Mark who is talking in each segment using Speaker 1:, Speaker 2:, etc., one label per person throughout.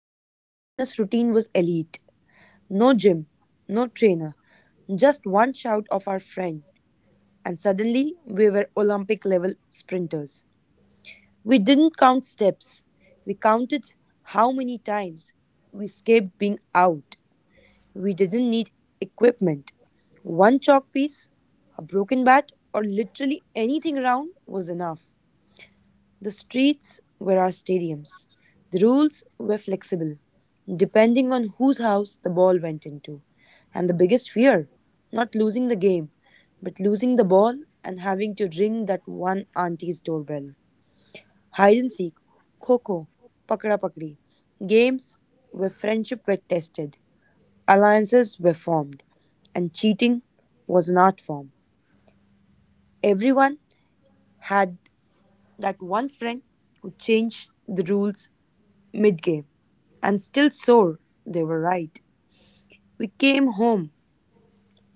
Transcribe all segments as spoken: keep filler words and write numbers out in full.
Speaker 1: our childhood fitness routine was elite. No gym, no trainer, just one shout of our friend, and suddenly we were Olympic level sprinters. We didn't count steps, we counted how many times we escaped being out. We didn't need equipment. One chalk piece, a broken bat, or literally anything around was enough. The streets were our stadiums. The rules were flexible, depending on whose house the ball went into. And the biggest fear, not losing the game, but losing the ball and having to ring that one auntie's doorbell. Hide and seek, kho kho, pakda pakdi. Games where friendship were tested, alliances were formed, and cheating was an art form. Everyone had that one friend who changed the rules mid game, and still sore they were right. We came home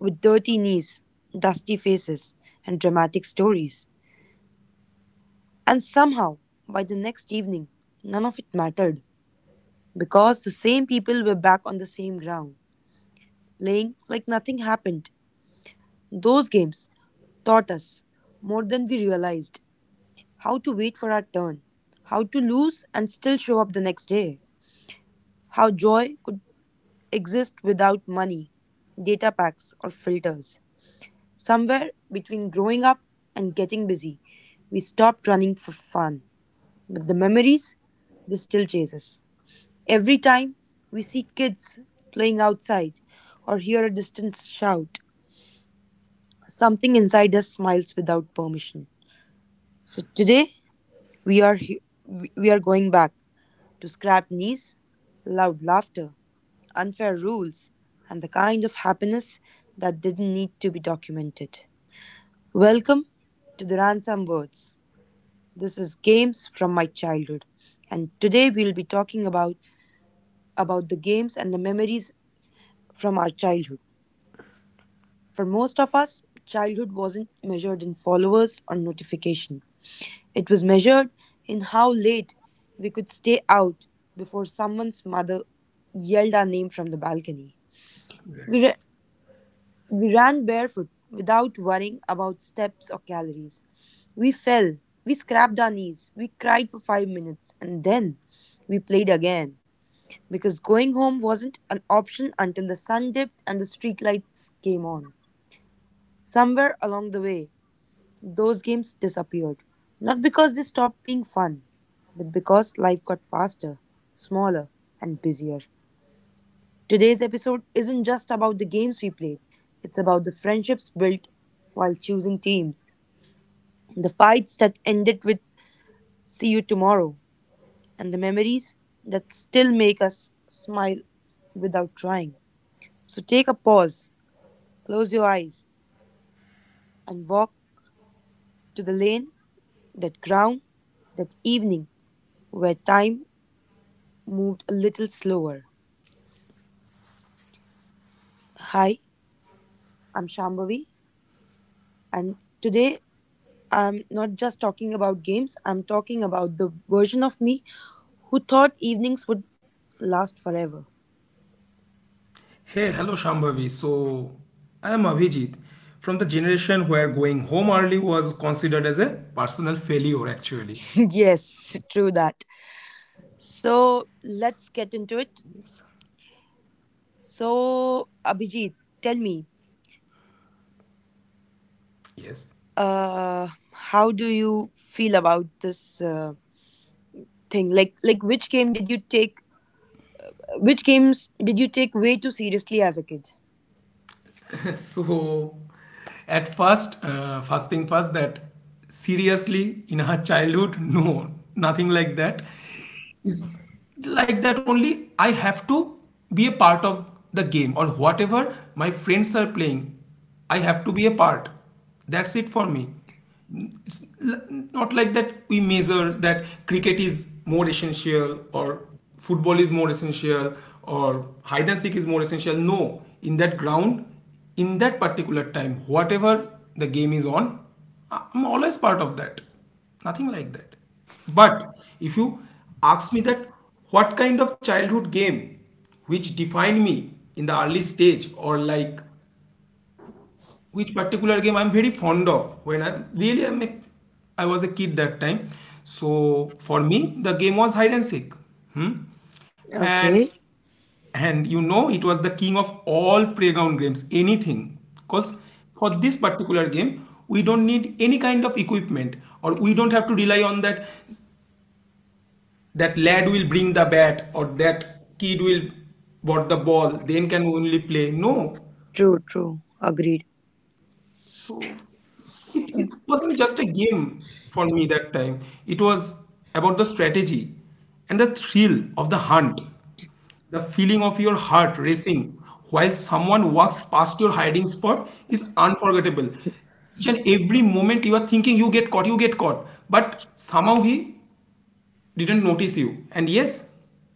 Speaker 1: with dirty knees, dusty faces, and dramatic stories. And somehow, by the next evening, none of it mattered because the same people were back on the same ground, playing like nothing happened. Those games taught us, more than we realized, how to wait for our turn, how to lose and still show up the next day, how joy could exist without money, data packs, or filters. Somewhere between growing up and getting busy, we stopped running for fun, but the memories, they still chase us. Every time we see kids playing outside or hear a distant shout, something inside us smiles without permission. So today we are he- we we are going back to scrap knees, loud laughter, unfair rules, and the kind of happiness that didn't need to be documented.
Speaker 2: Right,
Speaker 1: Welcome to the Ransom Words. This is games from my childhood, and today we'll be talking about about the games and the memories from our childhood. For most of us, childhood wasn't measured in followers or notification. It was measured in how late we could stay out before someone's mother yelled our name from the balcony. We,
Speaker 2: right.
Speaker 1: ra- we ran barefoot without worrying about steps or calories. We fell, we scraped our knees, we cried for five minutes, and then we played again, because going home wasn't an option until the sun dipped and the streetlights came on. Somewhere along the way, those games disappeared. Not because they stopped being fun, but because life got faster, smaller, and busier. Today's episode isn't just about the games we played, it's about the friendships built while choosing teams, the fights that ended with see you tomorrow, and the memories that still make us smile without trying. So take a pause, close your eyes and walk to the lane, that ground, that evening where time moved a little slower. Hi, I'm Shambhavi, and today I'm not just talking about games, I'm talking about the version of me who thought evenings would last forever.
Speaker 2: Hey, hello Shambhavi. So, I am Abhijit from the generation where going home early was considered as a personal failure, actually.
Speaker 1: Yes, true that. So let's
Speaker 2: Yes.
Speaker 1: get into it. So, Abhijit, tell me,
Speaker 2: Yes.
Speaker 1: uh, how do you feel about this? Uh, thing like like which game did you take which games did you take way too seriously as a kid?
Speaker 2: so, at first, uh, first thing first, that seriously, in her childhood, no, nothing like that. Is like that only, I have to be a part of the game or whatever my friends are playing. I have to be a part. That's it for me. it's l- Not like that we measure that cricket is more essential or football is more essential or hide and seek is more essential. No, in that ground, in that particular time, whatever the game is on, I- i'm always part of that. Nothing like that. But if you ask me that what kind of childhood game which defined me in the early stage, or like which particular game I'm very fond of when I really am a, I was a kid that time. So for me the game was hide and seek. Hmm? And
Speaker 1: Okay.
Speaker 2: and you know it was the king of all playground games, anything, because for this particular game we don't need any kind of equipment, or we don't have to rely on that, that lad will bring the bat or that kid will bought the ball then can only play. No,
Speaker 1: True, true. Agreed.
Speaker 2: so it is, wasn't just a game for me that time. It was about the strategy and the thrill of the hunt. The feeling of your heart racing while someone walks past your hiding spot is unforgettable. Each and every moment you are thinking you get caught you get caught, but somehow he didn't notice you, and yes,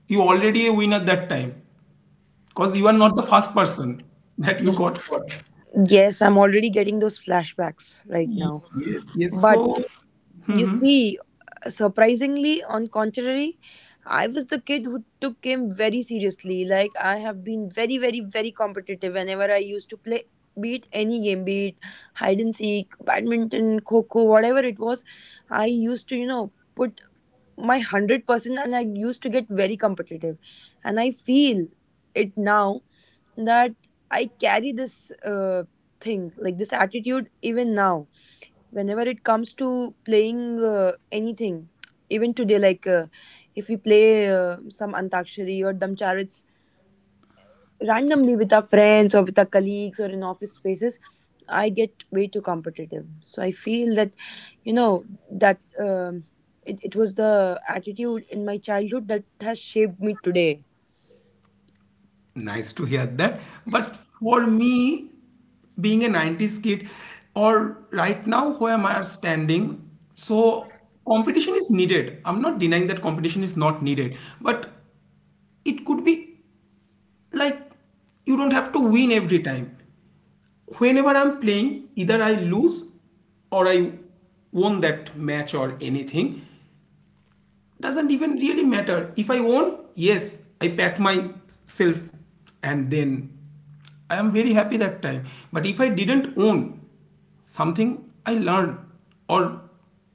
Speaker 2: you already a winner that time. Because you are not the first person that you got caught.
Speaker 1: Yes, I'm already getting those flashbacks right now.
Speaker 2: Yes, yes.
Speaker 1: But
Speaker 2: So.
Speaker 1: you
Speaker 2: Mhm.
Speaker 1: see, surprisingly, on contrary, I was the kid who took game very seriously. Like, I have been very, very, very competitive whenever I used to play, be it any game, be it hide and seek, badminton, kho kho, whatever it was. I used to, you know, put my one hundred percent, and I used to get very competitive. And I feel it now, that I carry this uh, thing, like this attitude even now whenever it comes to playing uh, anything, even today, like uh, if we play uh, some antakshari or damcharit randomly with our friends or with our colleagues or in office spaces, I get way too competitive. So I feel that you know that um, it, it was the attitude in my childhood that has shaped me today.
Speaker 2: Nice to hear that. But for me, being a nineties kid, or right now where am I standing, so competition is needed. I'm not denying that competition is not needed, but it could be like, you don't have to win every time. Whenever I'm playing, either I lose or I won that match or anything, doesn't even really matter. If I won, yes, I pat myself, and then I am very happy that time. But if I didn't own, something I learned or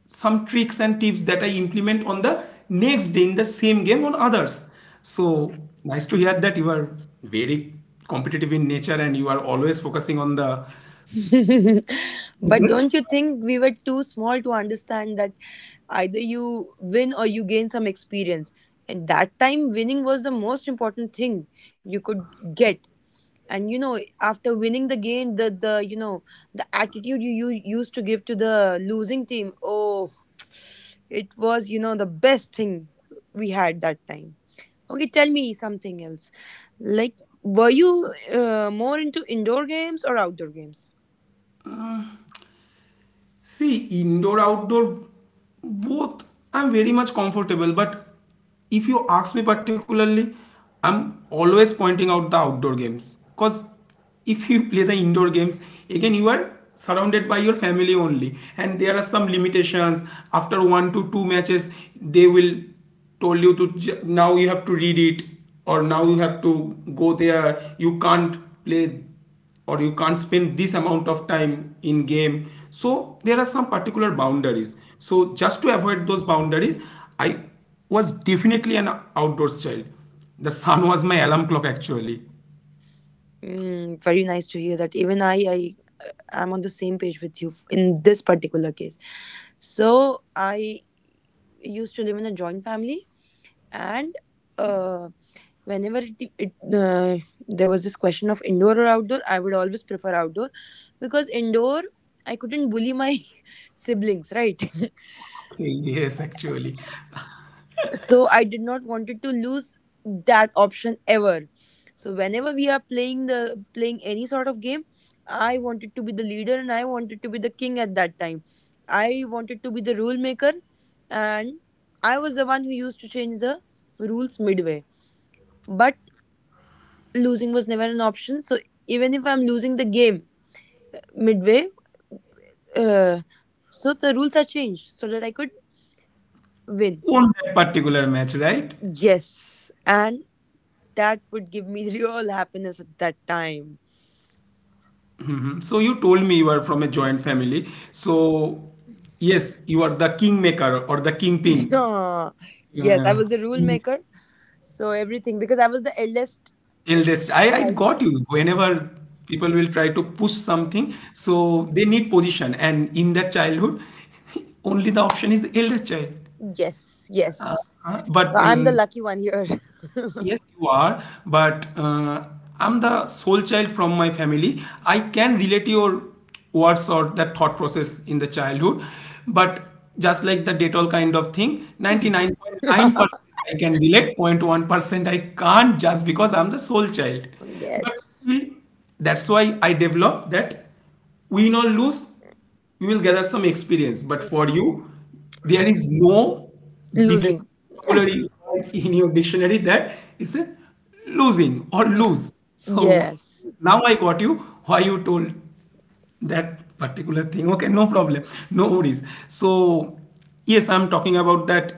Speaker 2: some tricks and tips that I implement on the next day in the same game on others. So nice to hear that you are very competitive in nature and you are always focusing on the
Speaker 1: But
Speaker 2: business.
Speaker 1: don't you think we were too small to understand that either you win or you gain some experience? And that time, winning was the most important thing you could get. And you know after winning the game, the the you know the attitude you, you used to give to the losing team, oh, it was you know the best thing we had that time. Okay, tell me something else, like, were you uh, more into indoor games or outdoor games?
Speaker 2: See, indoor outdoor, both I'm very much comfortable, but if you ask me particularly, I'm always pointing out the outdoor games, because if you play the indoor games, again you are surrounded by your family only, and there are some limitations. After one to two matches, they will told you to j- now you have to read it, or now you have to go there. You can't play, or you can't spend this amount of time in game. So there are some particular boundaries, so just to avoid those boundaries, I was definitely an outdoors child. The sun was my alarm clock, actually.
Speaker 1: Mm, very nice to hear that. Even I, I am on the same page with you f- in this particular case. So I used to live in a joint family, and uh, whenever it, it uh, there was this question of indoor or outdoor, I would always prefer outdoor, because indoor I couldn't bully my siblings, right?
Speaker 2: Okay, yes, actually,
Speaker 1: So I did not wanted to lose that option ever. So whenever we are playing the playing any sort of game, I wanted to be the leader, and I wanted to be the king at that time. I wanted to be the rule maker, and I was the one who used to change the rules midway. But losing was never an option. So even if I'm losing the game midway, uh, so the rules are changed so that I could win.
Speaker 2: on that particular match, right?
Speaker 1: Yes, and that would give me real happiness at that time.
Speaker 2: Mhm. So you told me you are from a joint family, so yes, you are the kingmaker or the kingpin.
Speaker 1: Yeah. Yes, I
Speaker 2: Yeah.
Speaker 1: was the rule maker. So everything because I was the eldest
Speaker 2: Eldest. I, I
Speaker 1: child.
Speaker 2: got you. Whenever people will try to push something, so they need position. And in that childhood, only the option is elder child.
Speaker 1: Yes,
Speaker 2: Uh,
Speaker 1: yes.
Speaker 2: uh,
Speaker 1: So
Speaker 2: but
Speaker 1: I'm the
Speaker 2: um,
Speaker 1: lucky one here.
Speaker 2: yes, you are, but uh, I'm the sole child from my family. I can relate your words or that thought process in the childhood, but just like the Dettol kind of thing, ninety-nine point nine percent I can relate, point one percent I can't, just because I'm the sole child. But
Speaker 1: Yes.
Speaker 2: still, that's why I developed that win or lose, you will gather some experience. But for you, there is no dic-
Speaker 1: Losing.
Speaker 2: vocabulary word in your dictionary that is a losing or lose. So
Speaker 1: Yes.
Speaker 2: now I got you why you told that particular thing. Okay, no problem, no worries. So yes, I'm talking about that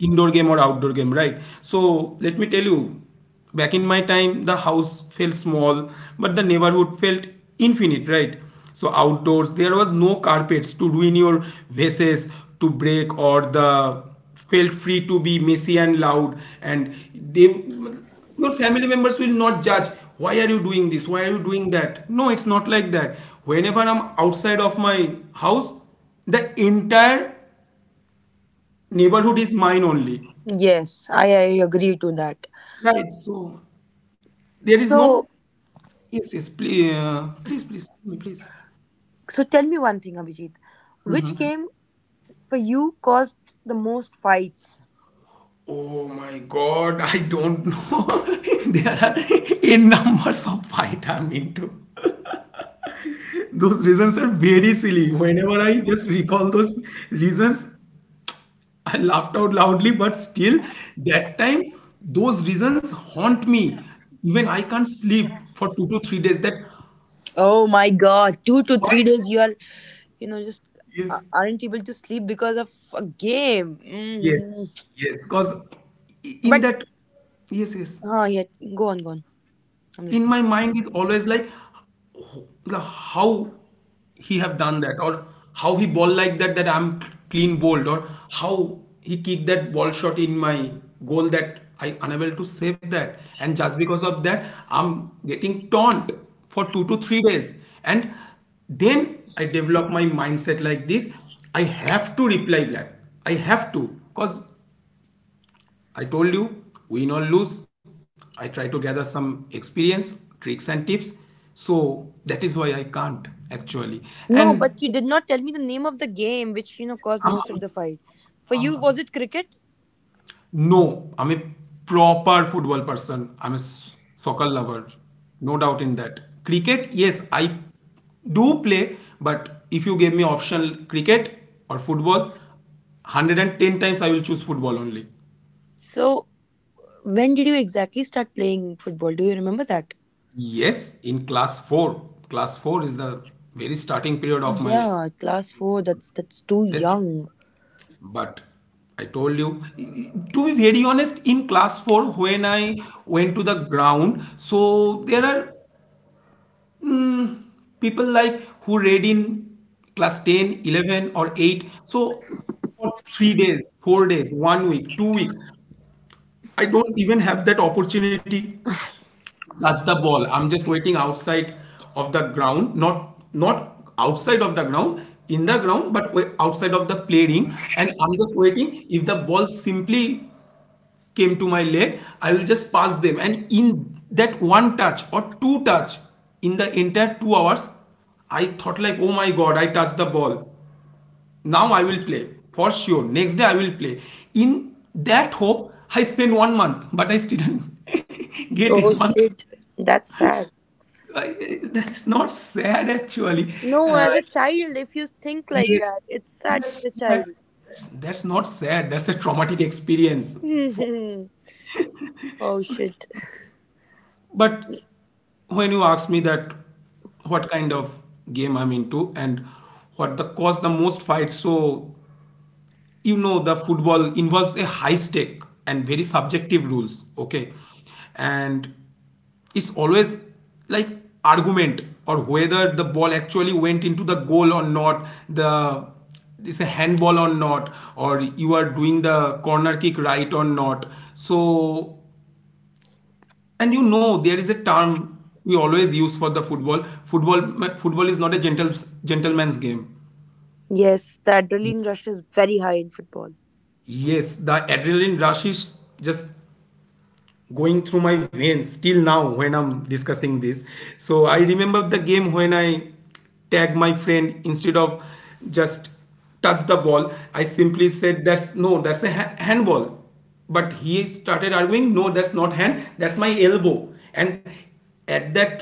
Speaker 2: indoor game or outdoor game, right? So let me tell you, back in my time, the house felt small, but the neighborhood felt infinite, right? So outdoors, there was no carpets to ruin your, vases to break, or the felt free to be messy and loud, and they, your family members will not judge why are you doing this, why are you doing that. No, it's not like that. Whenever I'm outside of my house, the entire neighborhood is mine only.
Speaker 1: Yes. I, I agree to that.
Speaker 2: Right. So there is
Speaker 1: So
Speaker 2: no, yes, yes. Please, uh, please, please, tell me, please.
Speaker 1: So tell me one thing, Abhijit. Which game for you caused the most fights?
Speaker 2: Oh my God, I don't know. There are in numbers of fight I'm into. Those reasons are very silly. Whenever I just recall those reasons, I laughed out loudly, but still, that time, those reasons haunt me. Even I can't sleep for two to three days. That
Speaker 1: Oh my god, two to
Speaker 2: why
Speaker 1: three
Speaker 2: is
Speaker 1: days
Speaker 2: that?
Speaker 1: you are, you know, just uh,
Speaker 2: Yes.
Speaker 1: aren't able to sleep because of a game?
Speaker 2: Yes,
Speaker 1: Hmm.
Speaker 2: yes, because in
Speaker 1: But,
Speaker 2: that, yes, yes,
Speaker 1: ah yeah, go on, go on.
Speaker 2: in
Speaker 1: I'm
Speaker 2: my
Speaker 1: listening.
Speaker 2: mind is always like, ho- like how he have done that, or how he ball like that that I'm clean bowled, or how he kicked that ball shot in my goal that I unable to save that, and just because of that I'm getting taunt for two to three days. And then I develop my mindset like this, I have to reply back. I have to, because I told you, win or lose, I try to gather some experience, tricks, and tips. So that is why I can't, actually.
Speaker 1: No,
Speaker 2: And
Speaker 1: but you did not tell me the name of the game which, you know, caused most of
Speaker 2: I'm,
Speaker 1: the fight. For you, was
Speaker 2: I'm-
Speaker 1: it cricket?
Speaker 2: no, I'm a proper football person. I'm a s- soccer lover, no doubt in that. Cricket, yes, I do play, but if you gave me option cricket or football, a hundred and ten times I will choose football only.
Speaker 1: So, when did you exactly start playing football? Do you remember that?
Speaker 2: Yes, in class four. Class four is the very starting period of my.
Speaker 1: Yeah, class four. That's that's too
Speaker 2: Yes.
Speaker 1: young.
Speaker 2: But I told you, to be very honest, in class four, when I went to the ground, so there are mm, people like who read in class ten, eleven, or eight. So for three days, four days, one week, two weeks, I don't even have that opportunity. That's the ball. I'm just waiting outside of the ground, not not outside of the ground, in the ground, but wa- outside of the play ring. And I'm just waiting. If the ball simply came to my leg, I will just pass them. And in that one touch or two touch in the entire two hours, I thought like, oh my god, I touched the ball. Now I will play for sure. Next day I will play. In that hope, I spent one month, but I still didn't get in
Speaker 1: Oh
Speaker 2: once.
Speaker 1: shit, that's sad.
Speaker 2: I that's not sad, actually.
Speaker 1: No,
Speaker 2: Uh,
Speaker 1: as a child, if you think like
Speaker 2: yes,
Speaker 1: that, it's sad for
Speaker 2: that's
Speaker 1: a
Speaker 2: sad.
Speaker 1: child.
Speaker 2: That's, that's not sad. That's a traumatic experience. For,
Speaker 1: Oh shit.
Speaker 2: but when you ask me that what kind of game I'm into and what the cause the most fights, so you know the football involves a high stake and very subjective rules, okay, and it's always like argument or whether the ball actually went into the goal or not, the it's a handball or not, or you are doing the corner kick right or not. So, and you know there is a term we always use for the football, football football is not a gentle gentleman's game.
Speaker 1: Yes, the adrenaline rush is very high in football.
Speaker 2: Yes, the adrenaline rush is just going through my veins till now when I'm discussing this. So I remember the game when I tag my friend instead of just touch the ball, I simply said that's no, that's a ha- handball. But he started arguing, no, that's not hand, that's my elbow. And at that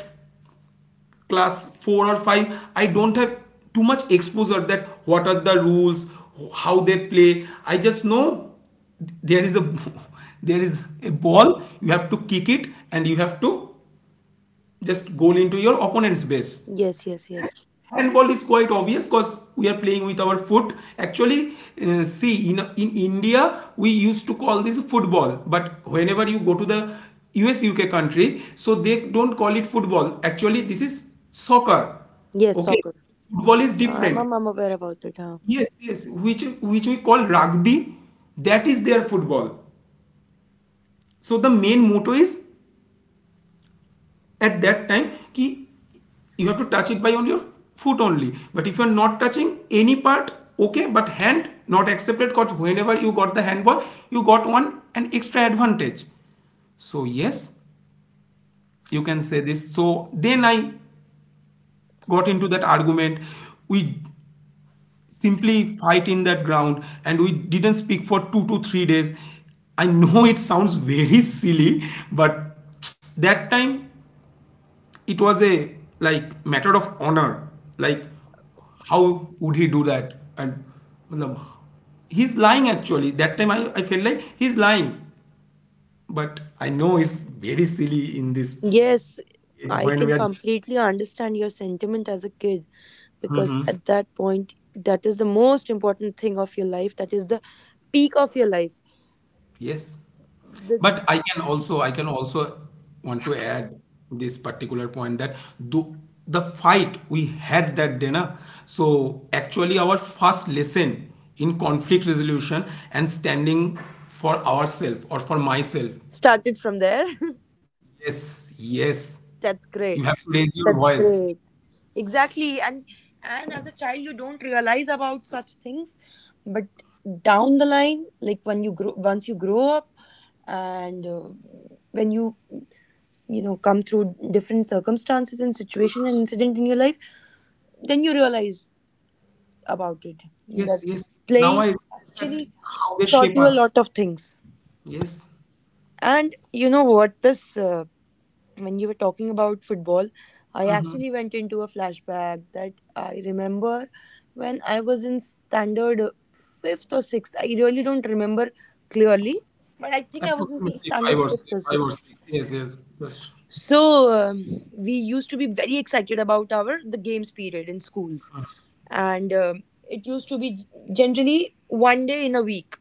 Speaker 2: class four or five, I don't have too much exposure that what are the rules, how they play. I just know there is a there is a ball, you have to kick it, and you have to just goal into your opponent's base.
Speaker 1: Yes, yes, yes.
Speaker 2: Handball is quite obvious because we are playing with our foot. Actually, uh, see, in, in India, we used to call this football, but whenever you go to the U S U K country, so they don't call it football. Actually, this is soccer.
Speaker 1: Yes,
Speaker 2: Okay,
Speaker 1: soccer.
Speaker 2: football is
Speaker 1: I'm,
Speaker 2: different.
Speaker 1: I'm, I'm aware about it, huh?
Speaker 2: Yes, yes, which which we call rugby. That is their football. So the main motto is at that time ki, you have to touch it by on your foot only, but if you're not touching any part, okay, but hand not accepted, because whenever you got the handball you got one an extra advantage. So yes, you can say this. So then I got into that argument. We simply fight in that ground and we didn't speak for two to three days. I know it sounds very silly, but that time it was a like matter of honor, like how would he do that. And matlab, he's lying, actually. That time I, I felt like he's lying, but I know it's very silly in this
Speaker 1: Yes,
Speaker 2: age
Speaker 1: I
Speaker 2: when
Speaker 1: can
Speaker 2: we
Speaker 1: completely understand your sentiment as a kid because
Speaker 2: are
Speaker 1: at that point, that is the most important thing of your life. That is the peak of your life.
Speaker 2: Yes.
Speaker 1: The,
Speaker 2: But I can also I can also want to add this particular point that do the fight we had that day, na, so actually our first lesson in conflict resolution and standing for ourselves or for myself.
Speaker 1: Started from there.
Speaker 2: Yes, yes.
Speaker 1: That's
Speaker 2: You have to
Speaker 1: great.
Speaker 2: raise your
Speaker 1: That's
Speaker 2: voice.
Speaker 1: great. Exactly. And and as a child you don't realize about such things. But down the line, like when you grow once you grow up, and uh, when you you know come through different circumstances and situation and incident in your life, then you realize about it.
Speaker 2: Yes,
Speaker 1: That
Speaker 2: yes. Now
Speaker 1: playing
Speaker 2: I realize that
Speaker 1: actually
Speaker 2: how they
Speaker 1: taught
Speaker 2: shape
Speaker 1: you a
Speaker 2: us.
Speaker 1: lot of things.
Speaker 2: Yes.
Speaker 1: And you know what, this uh, when you were talking about football, I actually went into a flashback that I remember when I was in standard uh, fifth or sixth. I really don't remember clearly, but I think I was in
Speaker 2: Approximately
Speaker 1: standard
Speaker 2: five or
Speaker 1: fifth
Speaker 2: six,
Speaker 1: or
Speaker 2: five or
Speaker 1: sixth.
Speaker 2: six. Yes, yes. Just.
Speaker 1: So um, we used to be very excited about our the games period in schools, and um it used to be generally one day in a week.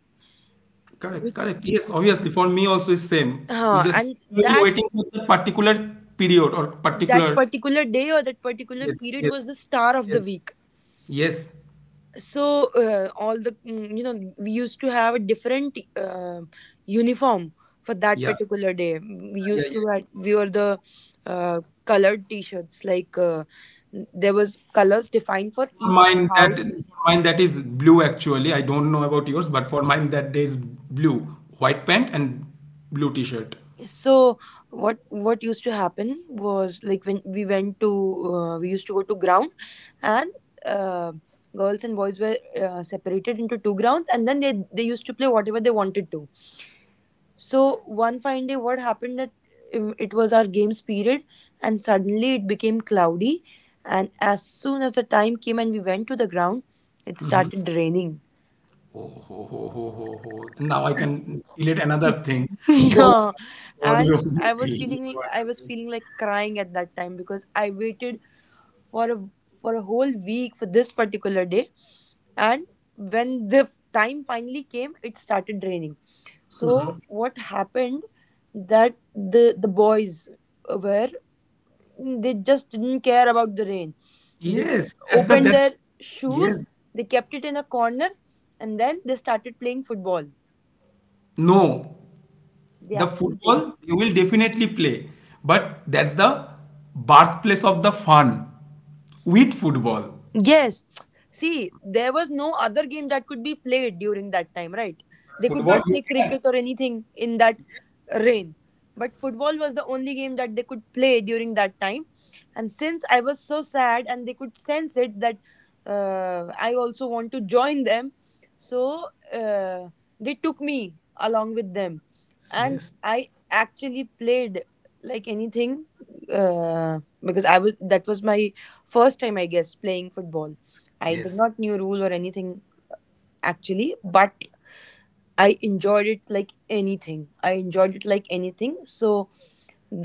Speaker 2: Correct, correct. Yes, obviously for me also is same. We
Speaker 1: Uh,
Speaker 2: just
Speaker 1: and
Speaker 2: really
Speaker 1: that
Speaker 2: waiting for the particular period or
Speaker 1: that
Speaker 2: particular.
Speaker 1: particular day or that particular
Speaker 2: Yes,
Speaker 1: period
Speaker 2: yes,
Speaker 1: was the star of the
Speaker 2: yes,
Speaker 1: week,
Speaker 2: yes.
Speaker 1: so uh, all the mm, you know we used to have a different uh, uniform for that
Speaker 2: Yeah,
Speaker 1: particular day. Mm, we
Speaker 2: yeah, yeah,
Speaker 1: used
Speaker 2: yeah.
Speaker 1: to had we were the uh, colored t-shirts, like uh, there was colors defined for
Speaker 2: For
Speaker 1: each
Speaker 2: mine that
Speaker 1: house.
Speaker 2: for mine that is blue actually. I don't know about yours, but for mine that day is blue, white pant and blue t-shirt.
Speaker 1: So what what used to happen was, like, when we went to uh, we used to go to ground, and uh, girls and boys were uh, separated into two grounds, and then they they used to play whatever they wanted to. So one fine day, what happened that um, it was our games period, and suddenly it became cloudy. And as soon as the time came and we went to the ground, it
Speaker 2: Mm-hmm.
Speaker 1: started raining.
Speaker 2: Oh, ho, ho, ho, ho, ho. Now I can relate another thing. Oh
Speaker 1: Yeah.
Speaker 2: my God,
Speaker 1: And
Speaker 2: you,
Speaker 1: I was
Speaker 2: you
Speaker 1: feeling
Speaker 2: are-
Speaker 1: I was feeling like crying at that time because I waited for a for a whole week for this particular day. And when the time finally came, it started raining. So what happened that the the boys were they just didn't care about the rain. They just
Speaker 2: Yes, that's the
Speaker 1: opened
Speaker 2: that's the,
Speaker 1: their shoes,
Speaker 2: yes.
Speaker 1: they kept it in a corner, and then they started playing football.
Speaker 2: No,
Speaker 1: They
Speaker 2: the
Speaker 1: actually did.
Speaker 2: football you will definitely play, but that's the birthplace of the fun with football.
Speaker 1: Yes. See, there was no other game that could be played during that time, right? They could
Speaker 2: Football,
Speaker 1: not
Speaker 2: you
Speaker 1: play
Speaker 2: can.
Speaker 1: cricket or anything in that rain. But football was the only game that they could play during that time. And since I was so sad and they could sense it that uh, I also want to join them, so uh, they took me along with them. And
Speaker 2: Yes,
Speaker 1: I actually played like anything uh, because I was that was my first time I guess playing football. I did
Speaker 2: yes,
Speaker 1: not knew rule or anything actually, but I enjoyed it like anything. I enjoyed it like anything. So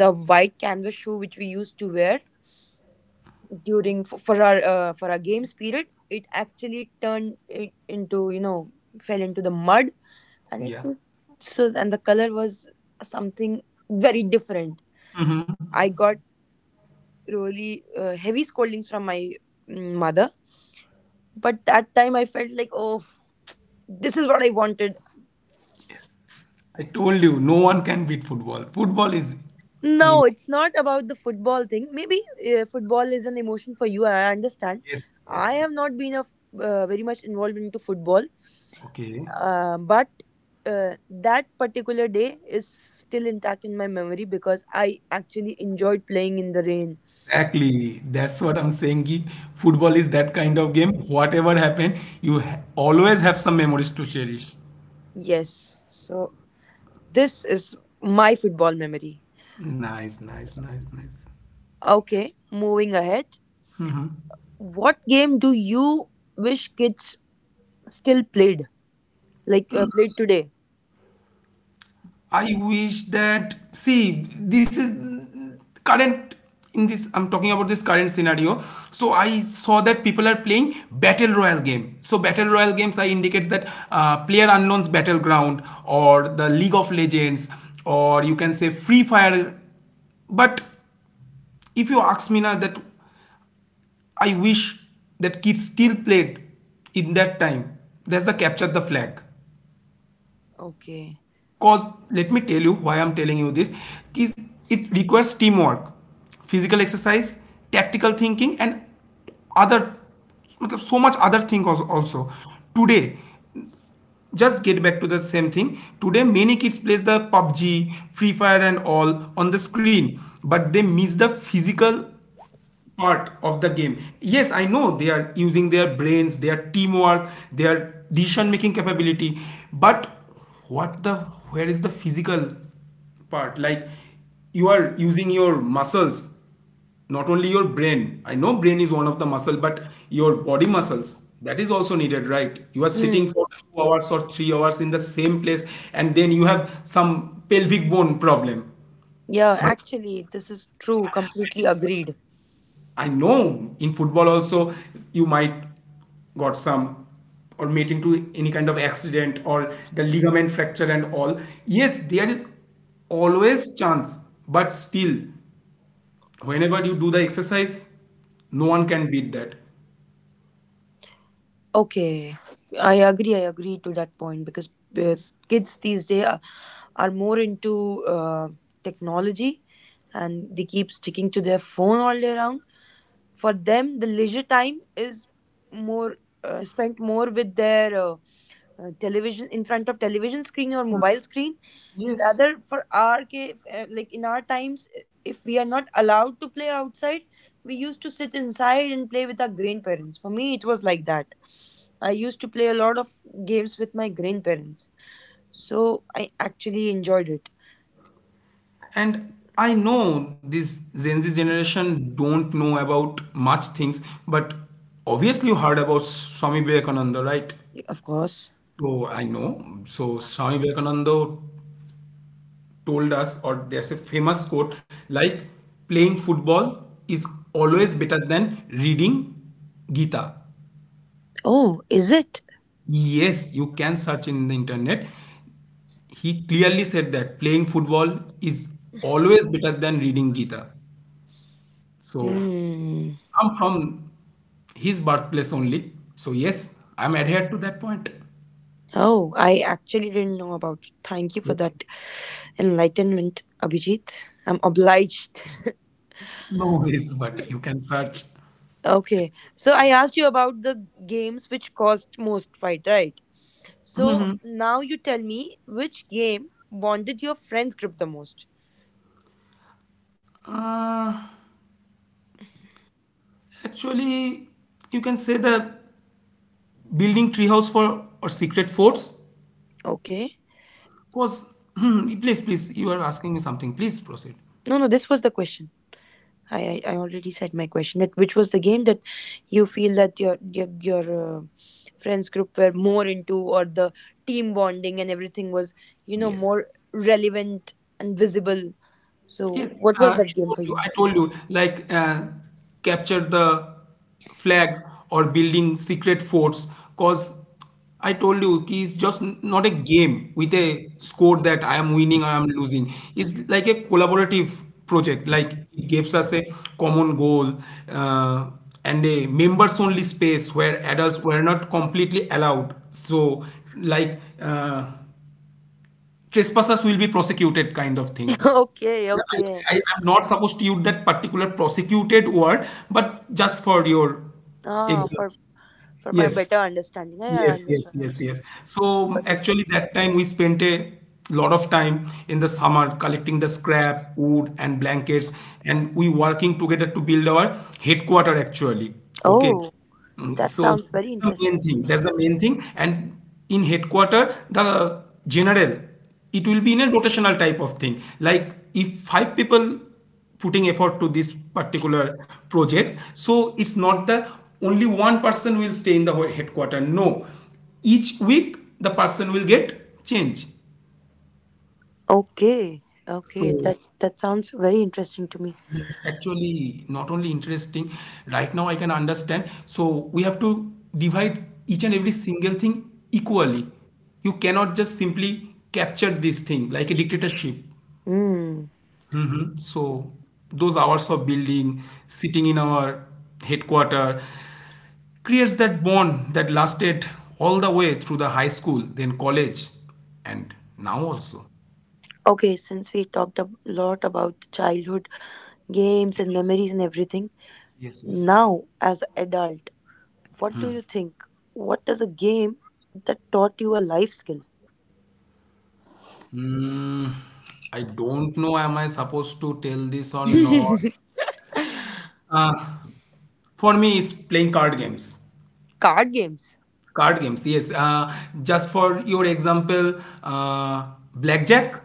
Speaker 1: the white canvas shoe which we used to wear during for, for our uh, for our games period, it actually turned it into you know fell into the mud, and it
Speaker 2: yeah,
Speaker 1: was so. And the color was something very different. I got really uh, heavy scoldings from my mm, mother. But that time I felt like, oh, this is what I wanted.
Speaker 2: yes, I told you, no one can beat football. Football is an
Speaker 1: No,
Speaker 2: emotion.
Speaker 1: it's not about the football thing. Maybe uh, football is an emotion for you. I understand.
Speaker 2: Yes,
Speaker 1: I
Speaker 2: yes,
Speaker 1: have not been a f- uh, very much involved into football,
Speaker 2: okay.
Speaker 1: uh, but uh, that particular day is still intact in my memory because I actually enjoyed playing in the rain.
Speaker 2: Exactly. That's what I'm saying. Ki Football is that kind of game. Whatever happened, you ha- always have some memories to cherish.
Speaker 1: Yes, so this is my football memory.
Speaker 2: Nice, nice, nice, nice.
Speaker 1: Okay, moving ahead. What game do you wish kids still played? Like uh, played today?
Speaker 2: I wish that see this is current in this I'm talking about this current scenario. So I saw that people are playing battle royale game. So battle royale games I indicates that uh, player unknown's battleground or the League of Legends or you can say Free Fire. But if you ask me now that I wish that kids still played in that time. That's the capture the flag.
Speaker 1: Okay.
Speaker 2: Cause let me tell you why I'm telling you this. Is it requires teamwork, physical exercise, tactical thinking, and other, मतलब so much other thing als- also. Today, just get back to the same thing. Today, many kids plays the PUBG, Free Fire, and all on the screen, but they miss the physical part of the game. Yes, I know they are using their brains, their teamwork, their decision making capability, but what the where is the physical part? Like you are using your muscles, not only your brain. I know brain is one of the muscle, but your body muscles that is also needed, right? You are sitting
Speaker 1: Hmm.
Speaker 2: for two hours or three hours in the same place, and then you have some pelvic bone problem.
Speaker 1: Yeah, actually, this is true. Completely agreed.
Speaker 2: I know in football also you might got some or made into any kind of accident or the ligament fracture and all. Yes, there is always chance, but still, whenever you do the exercise, no one can beat that.
Speaker 1: Okay. I agree. I agree to that point because uh, kids these days are, are more into uh, technology, and they keep sticking to their phone all day round. For them, the leisure time is more uh, spent more with their uh, uh, television, in front of television screen or mobile screen,
Speaker 2: Yes.
Speaker 1: rather for our cave. Like in our times, i- if we are not allowed to play outside, we used to sit inside and play with our grandparents. For me it was like that. I used to play a lot of games with my grandparents, so I actually enjoyed it.
Speaker 2: And I know this Gen Z generation don't know about much things, but obviously you heard about Swami Vivekananda, right?
Speaker 1: Of course.
Speaker 2: So I know. So Swami Vivekananda told us, or there's a famous quote like, playing football is always better than reading Gita.
Speaker 1: Oh, is it?
Speaker 2: Yes, you can search in the internet. He clearly said that playing football is always better than reading Gita. So
Speaker 1: Hmm.
Speaker 2: I'm from his birthplace only. So yes, I'm adhered to that point.
Speaker 1: Oh, I actually didn't know about it. Thank you for that enlightenment, Abhijit. I'm obliged.
Speaker 2: No worries, but you can search.
Speaker 1: Okay. So I asked you about the games which caused most fight, right? So now you tell me which game bonded your friends group the most.
Speaker 2: Uh, actually, you can say that. Building treehouse for or secret forts
Speaker 1: Okay.
Speaker 2: was. Hmm, please, please, you are asking me something. Please proceed.
Speaker 1: No, no, this was the question. I, I, I already said my question. That which was the game that you feel that your your, your uh, friends group were more into, or the team bonding and everything was, you know,
Speaker 2: Yes.
Speaker 1: more relevant and visible. So
Speaker 2: Yes,
Speaker 1: what was
Speaker 2: uh, I
Speaker 1: that game
Speaker 2: told
Speaker 1: for
Speaker 2: you,
Speaker 1: you?
Speaker 2: I told you, like uh, capture the flag or building secret forts. Cause I told you, ki it's just n- not a game with a score that I am winning or I am losing. It's like a collaborative project. Like it gives us a common goal uh, and a members-only space where adults were not completely allowed. So, like uh, trespassers will be prosecuted, kind of thing.
Speaker 1: Okay,
Speaker 2: I,
Speaker 1: okay.
Speaker 2: I, I'm not supposed to use that particular prosecuted word, but just for your
Speaker 1: Ah,
Speaker 2: example.
Speaker 1: for for my
Speaker 2: Yes.
Speaker 1: better understanding. I I
Speaker 2: Yes, yes,
Speaker 1: understood,
Speaker 2: yes, yes.
Speaker 1: understood.
Speaker 2: So
Speaker 1: Got your
Speaker 2: actually,
Speaker 1: point.
Speaker 2: that time we spent a lot of time in the summer collecting the scrap, wood, and blankets, and we working together to build our headquarter actually. Okay.
Speaker 1: Oh,
Speaker 2: Mm,
Speaker 1: that
Speaker 2: so
Speaker 1: sounds very
Speaker 2: that's the
Speaker 1: interesting
Speaker 2: main thing.
Speaker 1: to
Speaker 2: That's
Speaker 1: me.
Speaker 2: the main thing. And in headquarter, the general, it will be in a rotational type of thing. Like if five people putting effort to this particular project, so it's not that only one person will stay in the headquarter. No, each week the person will get change,
Speaker 1: Okay, okay,
Speaker 2: so
Speaker 1: that that sounds very interesting to me.
Speaker 2: it's actually not only interesting. Right now I can understand, so we have to divide each and every single thing equally. You cannot just simply capture this thing like a dictatorship.
Speaker 1: Hmm.
Speaker 2: hmm So those hours of building, sitting in our headquarter, creates that bond that lasted all the way through the high school, then college, and now also.
Speaker 1: Okay, since we talked a lot about childhood games and memories and everything,
Speaker 2: Yes, yes.
Speaker 1: now as an adult, what do you think? What is a game that taught you a life skill?
Speaker 2: Hmm, I don't know. Am I supposed to tell this or not? Uh, for me, it's playing card games.
Speaker 1: Card games.
Speaker 2: Card games, yes. Uh, just for your example, uh, blackjack,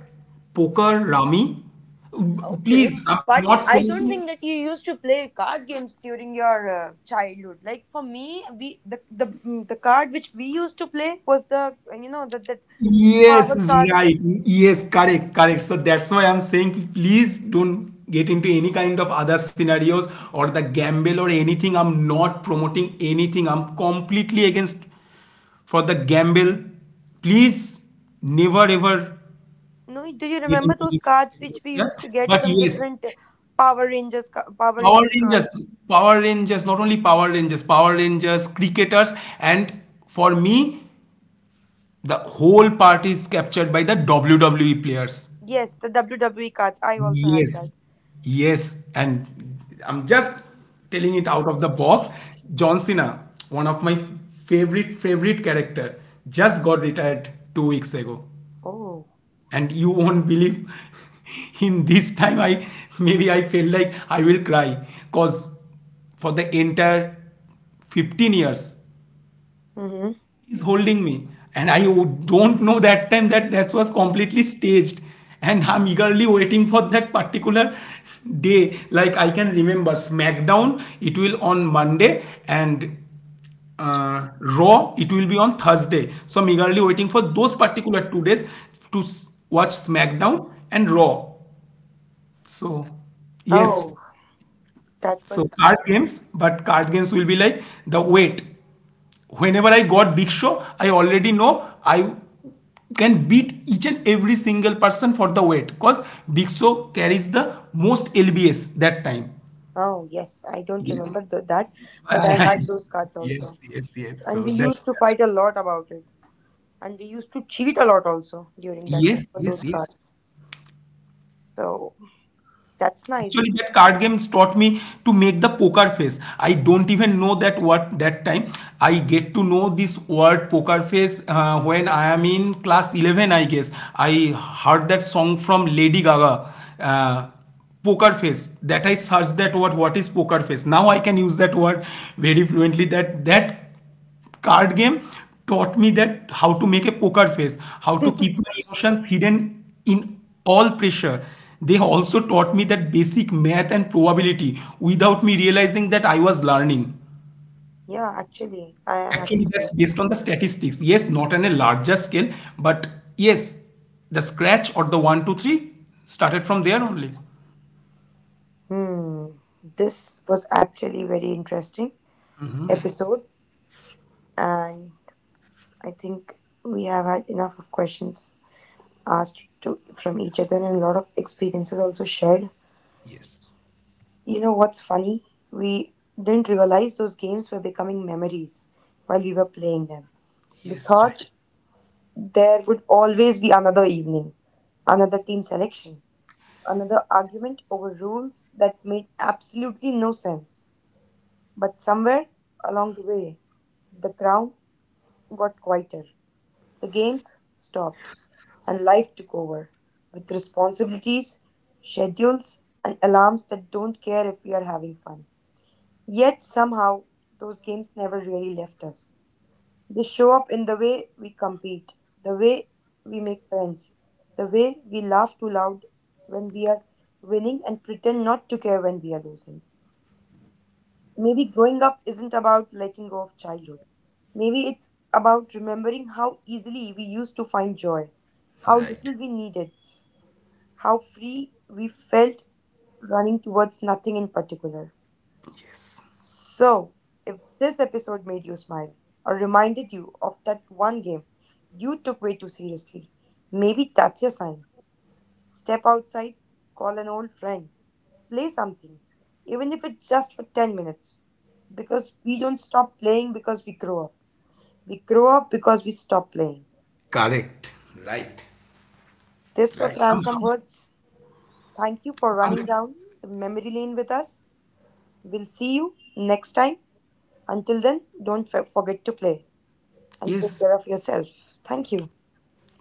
Speaker 2: poker, Rami.
Speaker 1: Okay,
Speaker 2: Please, I'm
Speaker 1: but
Speaker 2: not
Speaker 1: I don't
Speaker 2: promoting.
Speaker 1: think that you used to play card games during your uh, childhood. Like for me, we the, the mm, the card which we used to play was the uh, you know the that
Speaker 2: Yes,
Speaker 1: power
Speaker 2: right.
Speaker 1: cards.
Speaker 2: Yes, correct, correct. So that's why I'm saying please don't get into any kind of other scenarios or the gamble or anything. I'm not promoting anything. I'm completely against for the gamble. Please never ever
Speaker 1: No, do you
Speaker 2: get
Speaker 1: remember
Speaker 2: into
Speaker 1: those
Speaker 2: this
Speaker 1: cards
Speaker 2: particular
Speaker 1: which we used
Speaker 2: stuff.
Speaker 1: to get
Speaker 2: But
Speaker 1: from
Speaker 2: yes,
Speaker 1: different uh, Power Rangers ca- Power
Speaker 2: Power
Speaker 1: Ranger
Speaker 2: Rangers,
Speaker 1: cards?
Speaker 2: Power Rangers, not only Power Rangers, Power Rangers, cricketers, and for me, the whole party is captured by the W W E players.
Speaker 1: Yes, the W W E cards. I also had that.
Speaker 2: Yes, yes, and I'm just telling it out of the box. John Cena, one of my favorite favorite character, just got retired two weeks ago,
Speaker 1: Oh.
Speaker 2: and you won't believe. In this time, I maybe I feel like I will cry, cause for the entire fifteen years
Speaker 1: Mm-hmm.
Speaker 2: is holding me, and I don't know that time that that was completely staged, and I'm eagerly waiting for that particular day. Like I can remember, Smackdown it will on Monday, and uh, Raw it will be on Thursday, so I'm eagerly waiting for those particular two days to s- watch Smackdown and Raw. So yes,
Speaker 1: Oh, that
Speaker 2: so
Speaker 1: was.
Speaker 2: card games, but card games will be like the wait whenever I got Big Show, I already know I can beat each and every single person for the weight because Big Show carries the most L B S that time.
Speaker 1: Oh yes, I don't
Speaker 2: Yes.
Speaker 1: remember th- that, but I had those cards also,
Speaker 2: Yes, yes, yes.
Speaker 1: and
Speaker 2: So
Speaker 1: we
Speaker 2: that's
Speaker 1: used to fight a lot about it. And we used to cheat a lot also during that time
Speaker 2: yes,
Speaker 1: for those
Speaker 2: yes, yes.
Speaker 1: cards. So that's
Speaker 2: Actually,
Speaker 1: nice.
Speaker 2: that card games taught me to make the poker face. I don't even know that what that time. I get to know this word poker face uh, when I am in class eleven, I guess. I heard that song from Lady Gaga. Uh, poker face that I searched that word what is poker face, now I can use that word very fluently, that that card game taught me that how to make a poker face, how to keep my emotions hidden in all pressure. They also taught me that basic math and probability without me realizing that I was learning.
Speaker 1: Yeah, actually, I am
Speaker 2: Actually, that's
Speaker 1: actually.
Speaker 2: based on the statistics. Yes, not on a larger scale, but yes, the scratch or the one, two, three started from there only.
Speaker 1: Hmm, this was actually very interesting episode, and I think we have had enough of questions asked to from each other, and a lot of experiences also shared.
Speaker 2: Yes,
Speaker 1: You know what's funny? We didn't realize those games were becoming memories while we were playing them. We
Speaker 2: yes, right,
Speaker 1: thought there would always be another evening, another team selection, another argument over rules that made absolutely no sense. But somewhere along the way, the ground got quieter, the games stopped, and life took over with responsibilities, schedules, and alarms that don't care if we are having fun. Yet somehow, those games never really left us. They show up in the way we compete, the way we make friends, the way we laugh too loud when we are winning, and pretend not to care when we are losing. Maybe growing up isn't about letting go of childhood. Maybe it's about remembering how easily we used to find joy, how
Speaker 2: right,
Speaker 1: little we needed, how free we felt running towards nothing in particular.
Speaker 2: yes,
Speaker 1: So, if this episode made you smile, or reminded you of that one game you took way too seriously, maybe that's your sign. Step outside, call an old friend, play something, even if it's just for ten minutes. Because we don't stop playing because we grow up. We grow up because we stop playing.
Speaker 2: correct,
Speaker 1: This was
Speaker 2: right. Um,
Speaker 1: Ransom Words. Thank you for running down
Speaker 2: hundred percent.
Speaker 1: the memory lane with us. We'll see you next time. Until then, don't f- forget to play, and take
Speaker 2: Yes,
Speaker 1: care of yourself. Thank you.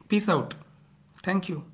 Speaker 2: peace out. Thank you.